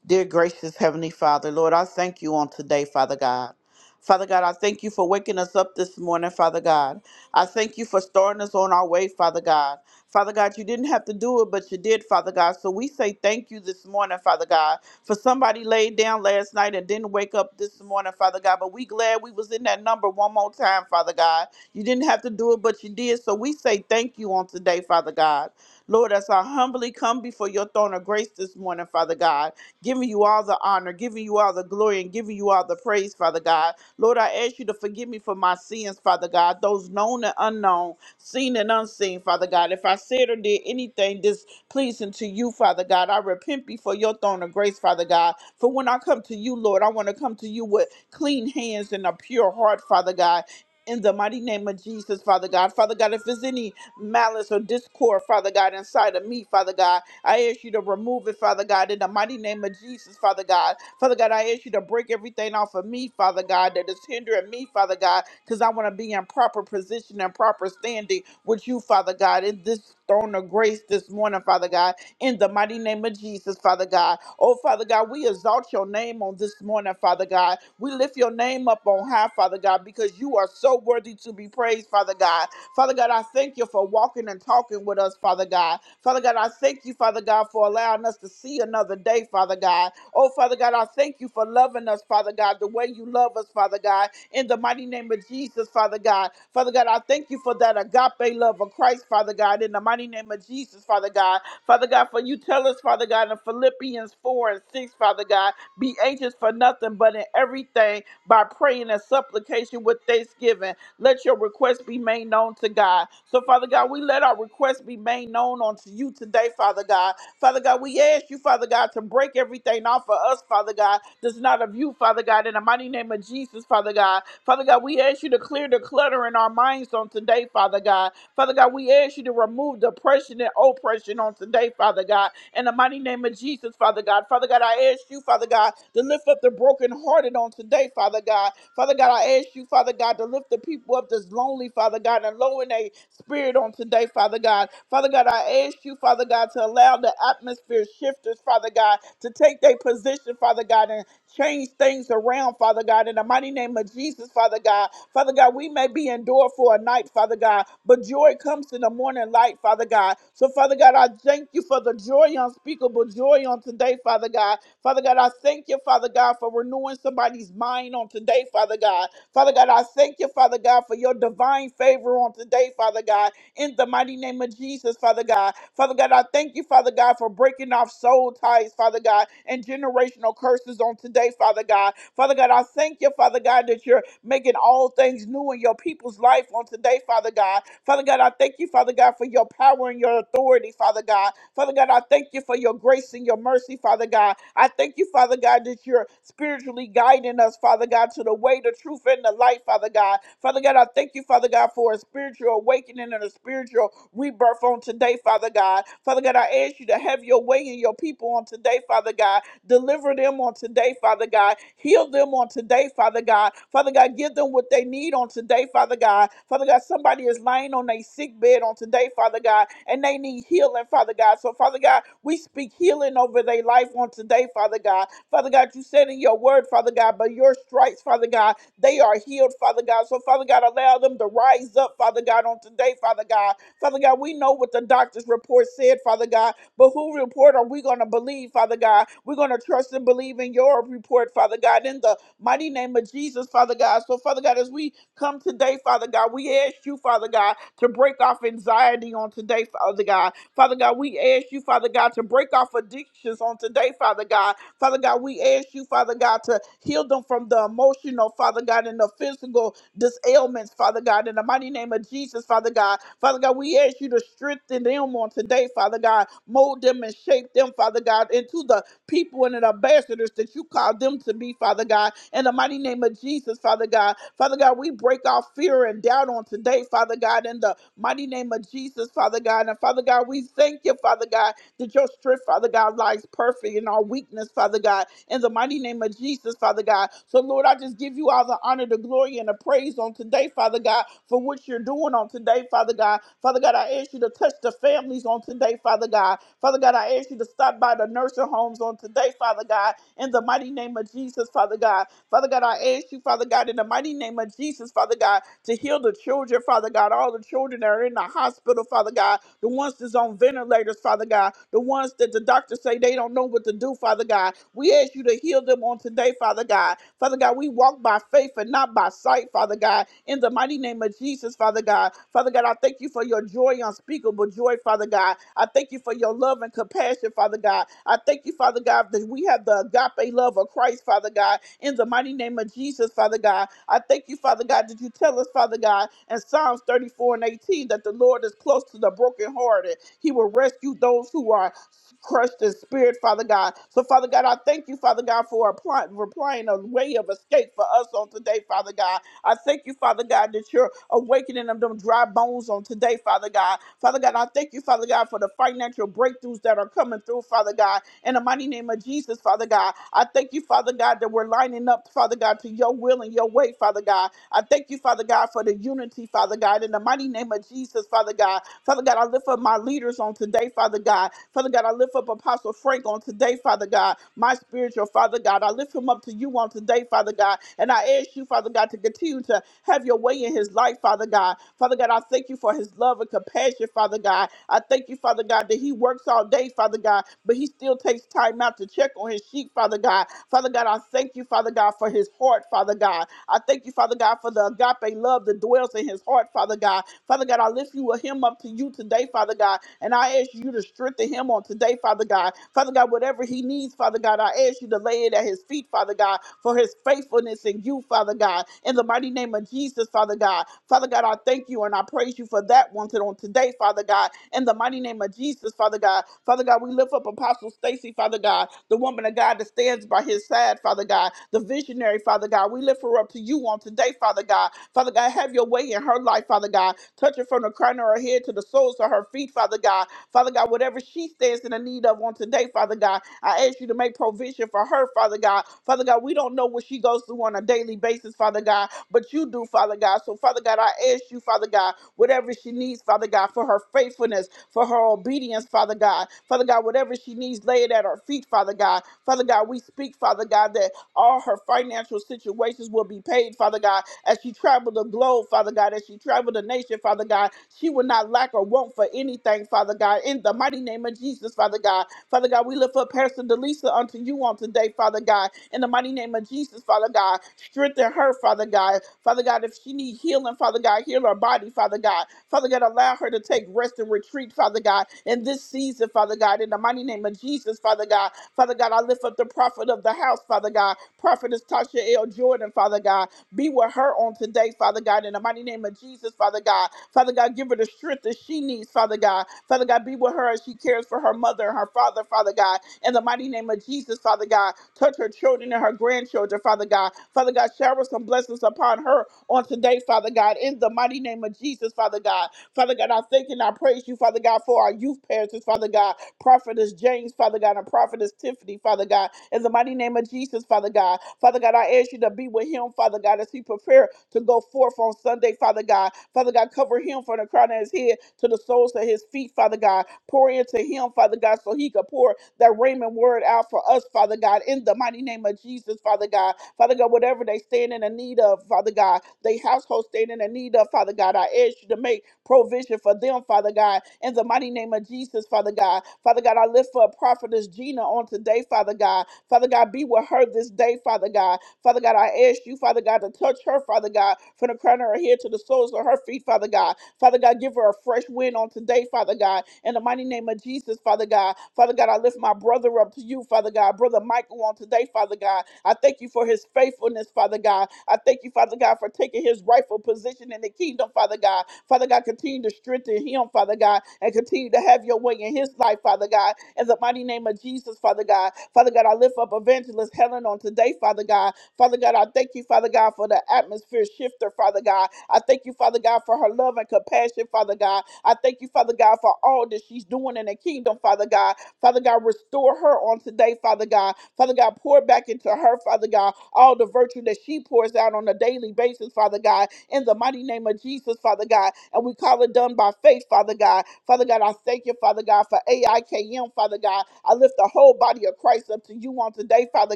Speaker 1: Dear gracious Heavenly Father, Lord, I thank you on today, Father God. Father God, I thank you for waking us up this morning, Father God. I thank you for starting us on our way, Father God. Father God, you didn't have to do it, but you did, Father God. So we say thank you this morning, Father God, for somebody laid down last night and didn't wake up this morning, Father God. But we glad we was in that number one more time, Father God. You didn't have to do it, but you did. So we say thank you on today, Father God. Lord, as I humbly come before your throne of grace this morning, Father God giving you all the honor, giving you all the glory, and giving you all the praise, Father God. Lord, I ask you to forgive me for my sins, Father God, those known and unknown, seen and unseen, Father God. If I said or did anything displeasing to you, Father God, I repent before your throne of grace, Father God. For when I come to you, Lord, I want to come to you with clean hands and a pure heart, Father God. In the mighty name of Jesus, Father God. Father God, if there's any malice or discord, Father God, inside of me, Father God. I ask you to remove it, Father God, in the mighty name of Jesus, Father God. Father God, I ask you to break everything off of me, Father God, that is hindering me, Father God, because I want to be in proper position and proper standing with you, Father God, in this throne of grace this morning, Father God in the mighty name of Jesus, Father God. Oh, Father God, we exalt your name on this morning, Father God. We lift your name up on high, Father God, because you are so worthy to be praised, Father God. Father God, I thank you for walking and talking with us, Father God. Father God, I thank you, Father God, for allowing us to see another another day, Father God. Oh, Father God, I thank you for loving us, Father God, the way you love us, Father God, in the mighty name of Jesus, Father God. Father God, I thank you for that agape love of Christ, Father God, in the mighty name of Jesus, Father God. Father God, for you tell us, Father God, in Philippians 4 and 6, Father God, be anxious for nothing but in everything by praying and supplication with thanksgiving. Let your request be made known to God. So, Father God, we let our request be made known unto you today, Father God. Father God, we ask you, Father God, to break everything off of us, Father God, that's not of you, Father God, in the mighty name of Jesus, Father God. Father God, we ask you to clear the clutter in our minds on today, Father God. Father God, we ask you to remove depression and oppression on today, Father God. In the mighty name of Jesus, Father God. Father God, I ask you, Father God, to lift up the brokenhearted on today, Father God. Father God, I ask you, Father God, to lift the people up that's lonely, Father God, and low in their spirit on today, Father God. Father God, I ask you, Father God, to allow the atmosphere shifters, Father God, to take their position, Father God, and. Change things around, Father God, in the mighty name of Jesus, Father God. Father God, we may be endured for a night, Father God, but joy comes in the morning light, Father God. So, Father God, I thank you for the joy, unspeakable joy on today, Father God. Father God, I thank you, Father God, for renewing somebody's mind on today, Father God. Father God, I thank you, Father God, for your divine favor on today, Father God, in the mighty name of Jesus, Father God. Father God, I thank you, Father God, for breaking off soul ties, Father God, and generational all curses on today, Father God. Father God, I thank you, Father God, that you're making all things new in your people's life on today, Father God. Father God, I thank you, Father God, for your power and your authority, Father God. Father God, I thank you for your grace and your mercy, Father God. I thank you, Father God, that you're spiritually guiding us, Father God, to the way, the truth, and the light, Father God. Father God, I thank you, Father God, for a spiritual awakening and a spiritual rebirth on today, Father God. Father God, I ask you to have your way in your people on today, Father God. Deliver them on today, Father God. Heal them on today, Father God. Father God, give them what they need on today, Father God. Father God, somebody is lying on a sick bed on today, Father God, and they need healing, Father God. So, Father God, we speak healing over their life on today, Father God. Father God, you said in your word, Father God, by your stripes, Father God, they are healed, Father God. So, Father God, allow them to rise up, Father God, on today, Father God. Father God, we know what the doctor's report said, Father God. But who report are we going to believe, Father God? We're going to trust and believe in your report, Father God, in the mighty name of Jesus, Father God. So, Father God, as we come today, Father God, we ask you, Father God, to break off anxiety on today, Father God. Father God, we ask you, Father God, to break off addictions on today, Father God. Father God, we ask you, Father God, to heal them from the emotional, Father God, and the physical this ailments, Father God, in the mighty name of Jesus, Father God. Father God, we ask you to strengthen them on today, Father God. Mold them and shape them, Father God, into the people and the ambassadors that you call them to be, Father God. In the mighty name of Jesus, Father God. Father God, we break our fear and doubt on today, Father God, in the mighty name of Jesus, Father God. And Father God, we thank you, Father God, that your strength, Father God, lies perfect in our weakness, Father God, in the mighty name of Jesus, Father God. So, Lord, I just give you all the honor, the glory, and the praise on today, Father God, for what you're doing on today, Father God. Father God, I ask you to touch the families on today, Father God. Father God, I ask you to stop by the nursing homes on today, Father God, in the mighty name of Jesus, Father. Father God. Father God, I ask you, Father God, in the mighty name of Jesus, Father God, to heal the children, Father God, all the children that are in the hospital, Father God, the ones that's on ventilators, Father God, the ones that the doctors say they don't know what to do, Father God. We ask you to heal them on today, Father God. Father God, we walk by faith and not by sight, Father God, in the mighty name of Jesus, Father. Father God. Father God, I thank you for your joy, unspeakable joy, Father God. I thank you for your love and compassion, Father God. I thank you, Father God, that we have the agape love of Christ, Father God, in the mighty name of Jesus, Father God. I thank you, Father God, that you tell us, Father God, in Psalms 34 and 18, that the Lord is close to the brokenhearted. He will rescue those who are crush the spirit, Father God. So, Father God, I thank you, Father God, for applying, for applying a way of escape for us on today, Father God. I thank you, Father God, that you're awakening of them dry bones on today, Father God. Father God, I thank you, Father God, for the financial breakthroughs that are coming through, Father God. In the mighty name of Jesus, Father God, I thank you, Father God, that we're lining up, Father God, to your will and your way, Father God. I thank you, Father God, for the unity, Father God. In the mighty name of Jesus, Father God. Father God, I lift up my leaders on today, today, Father God. Father God, I lift up Apostle Frank on today, Father God, my spiritual Father God. I lift him up to you on today, Father God. And I ask you, Father God, to continue to have your way in his life, Father God. Father God, I thank you for his love and compassion, Father God. I thank you, Father God, that he works all day, Father God, but he still takes time out to check on his sheep, Father God. Father God, I thank you, Father God, for his heart, Father God. I thank you, Father God, for the agape love that dwells in his heart, Father God. Father God, I lift you him up to you today today, Father God. And I ask you to strengthen him on today, Father God. Father God, whatever he needs, Father God, I ask you to lay it at his feet, Father God, for his faithfulness in you, Father God. In the mighty name of Jesus, Father God. Father God, I thank you and I praise you for that one to- on today, Father God. In the mighty name of Jesus, Father God. Father God, we lift up Apostle Stacy, Father God, the woman of God that stands by his side, Father God, the visionary, Father God. We lift her up to you on today, Father God. Father God, have your way in her life, Father God. Touch her from the crown of her head to the soles of her feet, Father God. Father God, whatever she stands in the need of on today, Father God, I ask you to make provision for her, Father God. Father God, we don't know what she goes through on a daily basis, Father God, but you do, Father God. So, Father God, I ask you, Father God, whatever she needs, Father God, for her faithfulness, for her obedience, Father God. Father God, whatever she needs, lay it at her feet, Father God. Father God, we speak, Father God, that all her financial situations will be paid, Father God, as she traveled the globe, Father God, as she she traveled the nation, Father God, she will not lack or want for anything, Father God, in the mighty name of Jesus, Father God. Father God, we lift up Pastor Delisa unto you on today, Father God, in the mighty name of Jesus, Father God. Strengthen her, Father God. Father God, if she need healing, Father God, heal her body, Father God. Father God, allow her to take rest and retreat, Father God, in this season, Father God, in the mighty name of Jesus, Father God. Father God, I lift up the prophet of the house, Father God. Prophetess Tasha L. Jordan, Father God. Be with her on today today, Father God, in the mighty name of Jesus, Father God. Father God, give her the strength that she needs, Father God. Father God, be with her as she cares for her mother and her father, Father God. In the mighty name of Jesus, Father God, touch her children and her grandchildren, Father God. Father God, shower some blessings upon her on today, Father God. In the mighty name of Jesus, Father God. Father God, I thank and I praise you, Father God, for our youth pastors, Father God. Prophetess James, Father God, and Prophetess Tiffany, Father God. In the mighty name of Jesus, Father God. Father God, I ask you to be with him, Father. Father God, as he prepare to go forth on Sunday, Father God. Father God, cover him from the crown of his head to the soles of his feet, Father God. Pour into him, Father God, so he could pour that Raymond word out for us, Father God, in the mighty name of Jesus, Father God. Father God, whatever they stand in the need of, Father God, they household stand in the need of, Father God, I ask you to make provision for them, Father God, in the mighty name of Jesus, Father God. Father God, I lift for a prophetess Gina on today, Father God. Father God, be with her this day, Father God. Father God, I ask you, Father God, to touch her, Father God, from the crown of her head to the soles of her feet, Father God. Father God, give her a fresh wind on today, Father God. In the mighty name of Jesus, Father God. Father God, I lift my brother up to you, Father God. Brother Michael on today, Father God. I thank you for his faithfulness, Father God. I thank you, Father God, for taking his rightful position in the kingdom, Father God. God. Father God, continue to strengthen him, Father God, and continue to have your way in his life, Father God. In the mighty name of Jesus, Father God. Father God, I lift up evangelist Helen on today, Father God. Father God, I thank you, Father God, for the atmosphere shifter, Father God. I thank you, Father God, for her love and compassion, Father God. I thank you, Father God, for all that she's doing in the kingdom, Father God. Father God, restore her on today, Father God. Father God, pour back into her, Father God, all the virtue that she pours out on a daily basis, Father God, in the mighty name of Jesus, Father God. And we call it done by faith, Father God. Father God, I thank you, Father God, for AIKM, Father God. I lift the whole body of Christ up to you on today, Father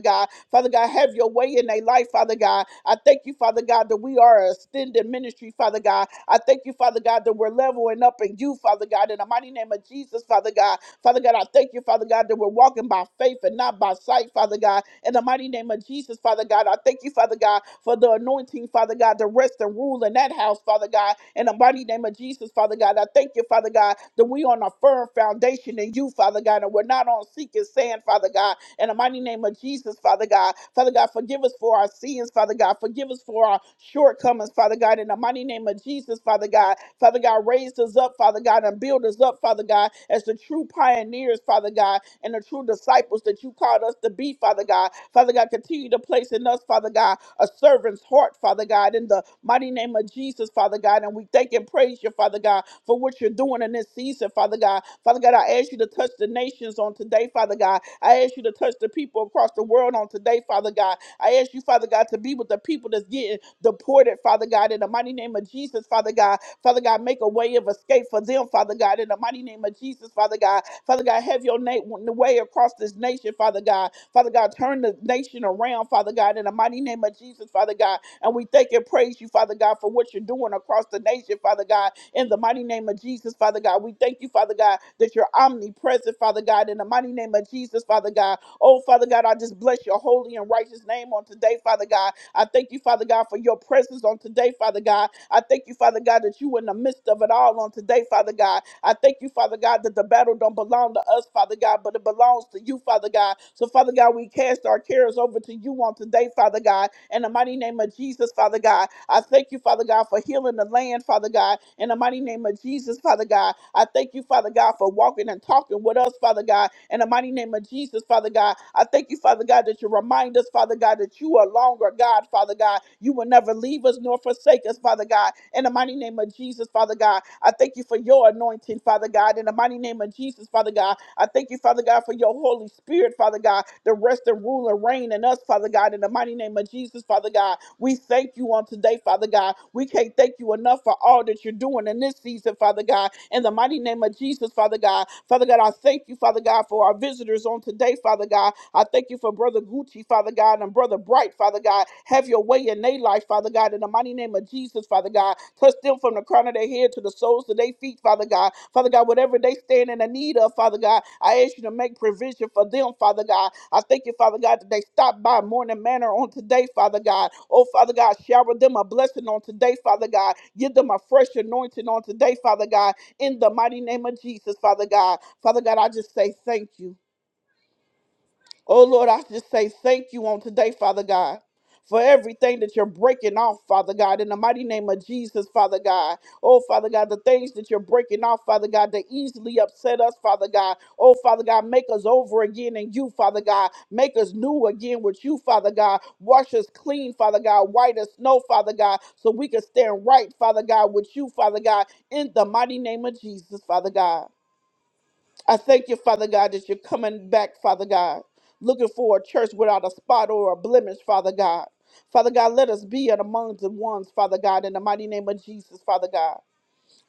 Speaker 1: God. Father God, have your way in their life, Father God. I thank you, Father God, that we are a extended ministry, Father God. I thank you, Father God, that we're leveling up in you, Father God, in the mighty name of Jesus, Father God. Father God, I thank you, Father God, that we're walking by faith and not by sight, Father God. In the mighty name of Jesus, Father God, I thank you, Father God, for the anointing, Father God, to rest and rule in that house, Father God. In the mighty name of Jesus, Father God, I thank you, Father God, that we on a firm foundation in you, Father God, and we're not on seeking sand, Father God. In the mighty name of Jesus, Father God, Father God, forgive us for our sins, Father God. Forgive us for for our shortcomings, Father God, in the mighty name of Jesus, Father God. Father God, raise us up, Father God, and build us up, Father God, as the true pioneers, Father God, and the true disciples that you called us to be, Father God. Father God, continue to place in us, Father God, a servant's heart, Father God, in the mighty name of Jesus, Father God. And we thank and praise you, Father God, for what you're doing in this season, Father God. Father God, I ask ask you to touch the nations on today, Father God. I ask you to touch the people across the world on today, Father God. I ask you, Father God, to be with the people that's getting deported, Father God, in the mighty name of Jesus, Father God. Father God, make a way of escape for them, Father God, in the mighty name of Jesus, Father God. Father God, have your na- the way across this nation, Father God. Father God, turn the nation around, Father God, in the mighty name of Jesus, Father God. And we thank and praise you, Father God, for what you're doing across the nation, Father God, in the mighty name of Jesus, Father God. We thank you, Father God, that you're omnipresent, Father God, in the mighty name of Jesus, Father God. Oh, Father God, I just bless your holy and righteous name on today, Father God. I thank you, Father God, for your presence on today, Father God. I thank you, Father God, that you in the midst of it all on today, Father God. I thank you, Father God, that the battle don't belong to us, Father God, but it belongs to you, Father God. So, Father God, we cast our cares over to you on today, Father God. In the mighty name of Jesus, Father God, I thank you, Father God, for healing the land, Father God. In the mighty name of Jesus, Father God, I thank you, Father God, for walking and talking with us, Father God. In the mighty name of Jesus, Father God, I thank you, Father God, that you remind us us, Father God, that you are longer, God, Father God. You will never leave us nor forsake us, Father God. In the mighty name of Jesus, Father God, I thank you for your anointing, Father God. In the mighty name of Jesus, Father God, I thank you, Father God, for your Holy Spirit, Father God, the rest and rule and reign in us, Father God. In the mighty name of Jesus, Father God, we thank you on today, Father God. We can't thank you enough for all that you're doing in this season, Father God. In the mighty name of Jesus, Father God. Father God, I thank you, Father God, for our visitors on today, Father God. I thank you for Brother Gucci, Father God, and Brother Bright, Father God. Have your way in their life, Father God, in the mighty name of Jesus, Father God. Touch them from the crown of their head to the soles of their feet, Father God. Father God, whatever they stand in the need of, Father God, I ask you to make provision for them, Father God. I thank you, Father God, that they stop by Morning Manor on today, Father God. Oh, Father God, shower them a blessing on today, Father God. Give them a fresh anointing on today, Father God, in the mighty name of Jesus, Father God. Father God, I just say thank you. Oh Lord, I just say thank you on today, Father God. For everything that you're breaking off, Father God, in the mighty name of Jesus, Father God. Oh, Father God, the things that you're breaking off, Father God, that easily upset us, Father God. Oh, Father God, make us over again in you, Father God. Make us new again with you, Father God. Wash us clean, Father God. White as snow, Father God, so we can stand right, Father God, with you, Father God, in the mighty name of Jesus, Father God. I thank you, Father God, that you're coming back, Father God, looking for a church without a spot or a blemish, Father God. Father God, let us be in among the ones, Father God, in the mighty name of Jesus, Father God.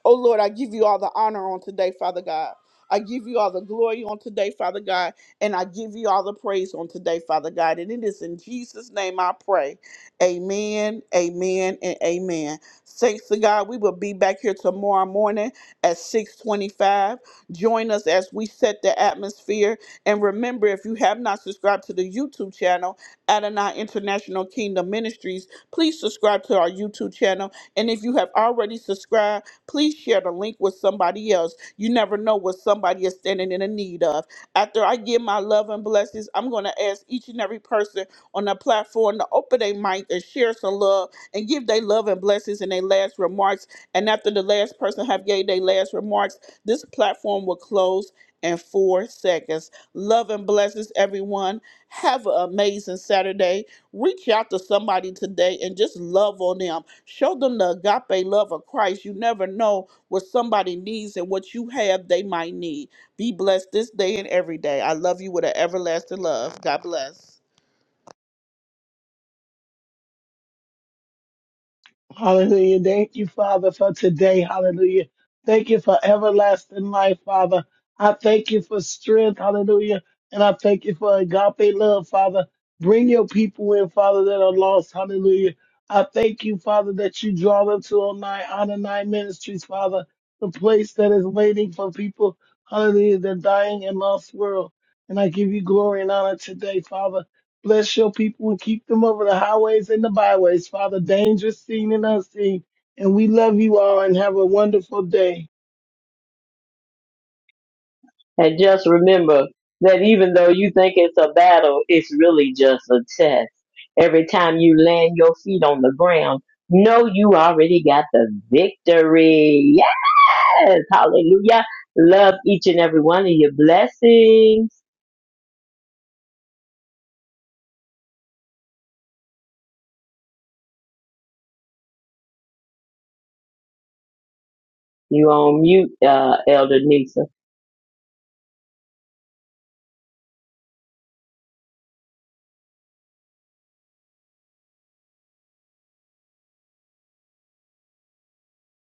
Speaker 1: Oh Lord, I give you all the honor on today, Father God. I give you all the glory on today, Father God, and I give you all the praise on today, Father God. And it is in Jesus' name I pray. Amen, amen, and amen. Thanks to God. We will be back here tomorrow morning at 625. Join us as we set the atmosphere. And remember, if you have not subscribed to the YouTube channel, Adonai International Kingdom Ministries, please subscribe to our YouTube channel. And if you have already subscribed, Please share the link with somebody else. You never know what somebody is standing in the need of. After I give my love and blessings, I'm going to ask each and every person on the platform to open their mic and share some love and give their love and blessings and their last remarks. And after the last person have gave their last remarks, this platform will close in four seconds. Love and blessings, everyone. Have an amazing Saturday. Reach out to somebody today and just love on them. Show them the agape love of Christ. You never know what somebody needs and what you have they might need. Be blessed this day and every day. I love you with an everlasting love. God bless.
Speaker 4: Hallelujah. Thank you, Father, for today. Hallelujah. Thank you for everlasting life, Father. I thank you for strength. Hallelujah. And I thank you for agape love, Father. Bring your people in, Father, that are lost. Hallelujah. I thank you, Father, that you draw them to online, honor nine ministries, Father, the place that is waiting for people. Hallelujah. The dying and lost world. And I give you glory and honor today, Father. Bless your people and keep them over the highways and the byways, Father, dangerous seen and unseen. And we love you all and have a wonderful day.
Speaker 3: And just remember that even though you think it's a battle, it's really just a test. Every time you land your feet on the ground, know you already got the victory. Yes. Hallelujah. Love each and every one of your blessings. You on mute, uh, Elder Nisa.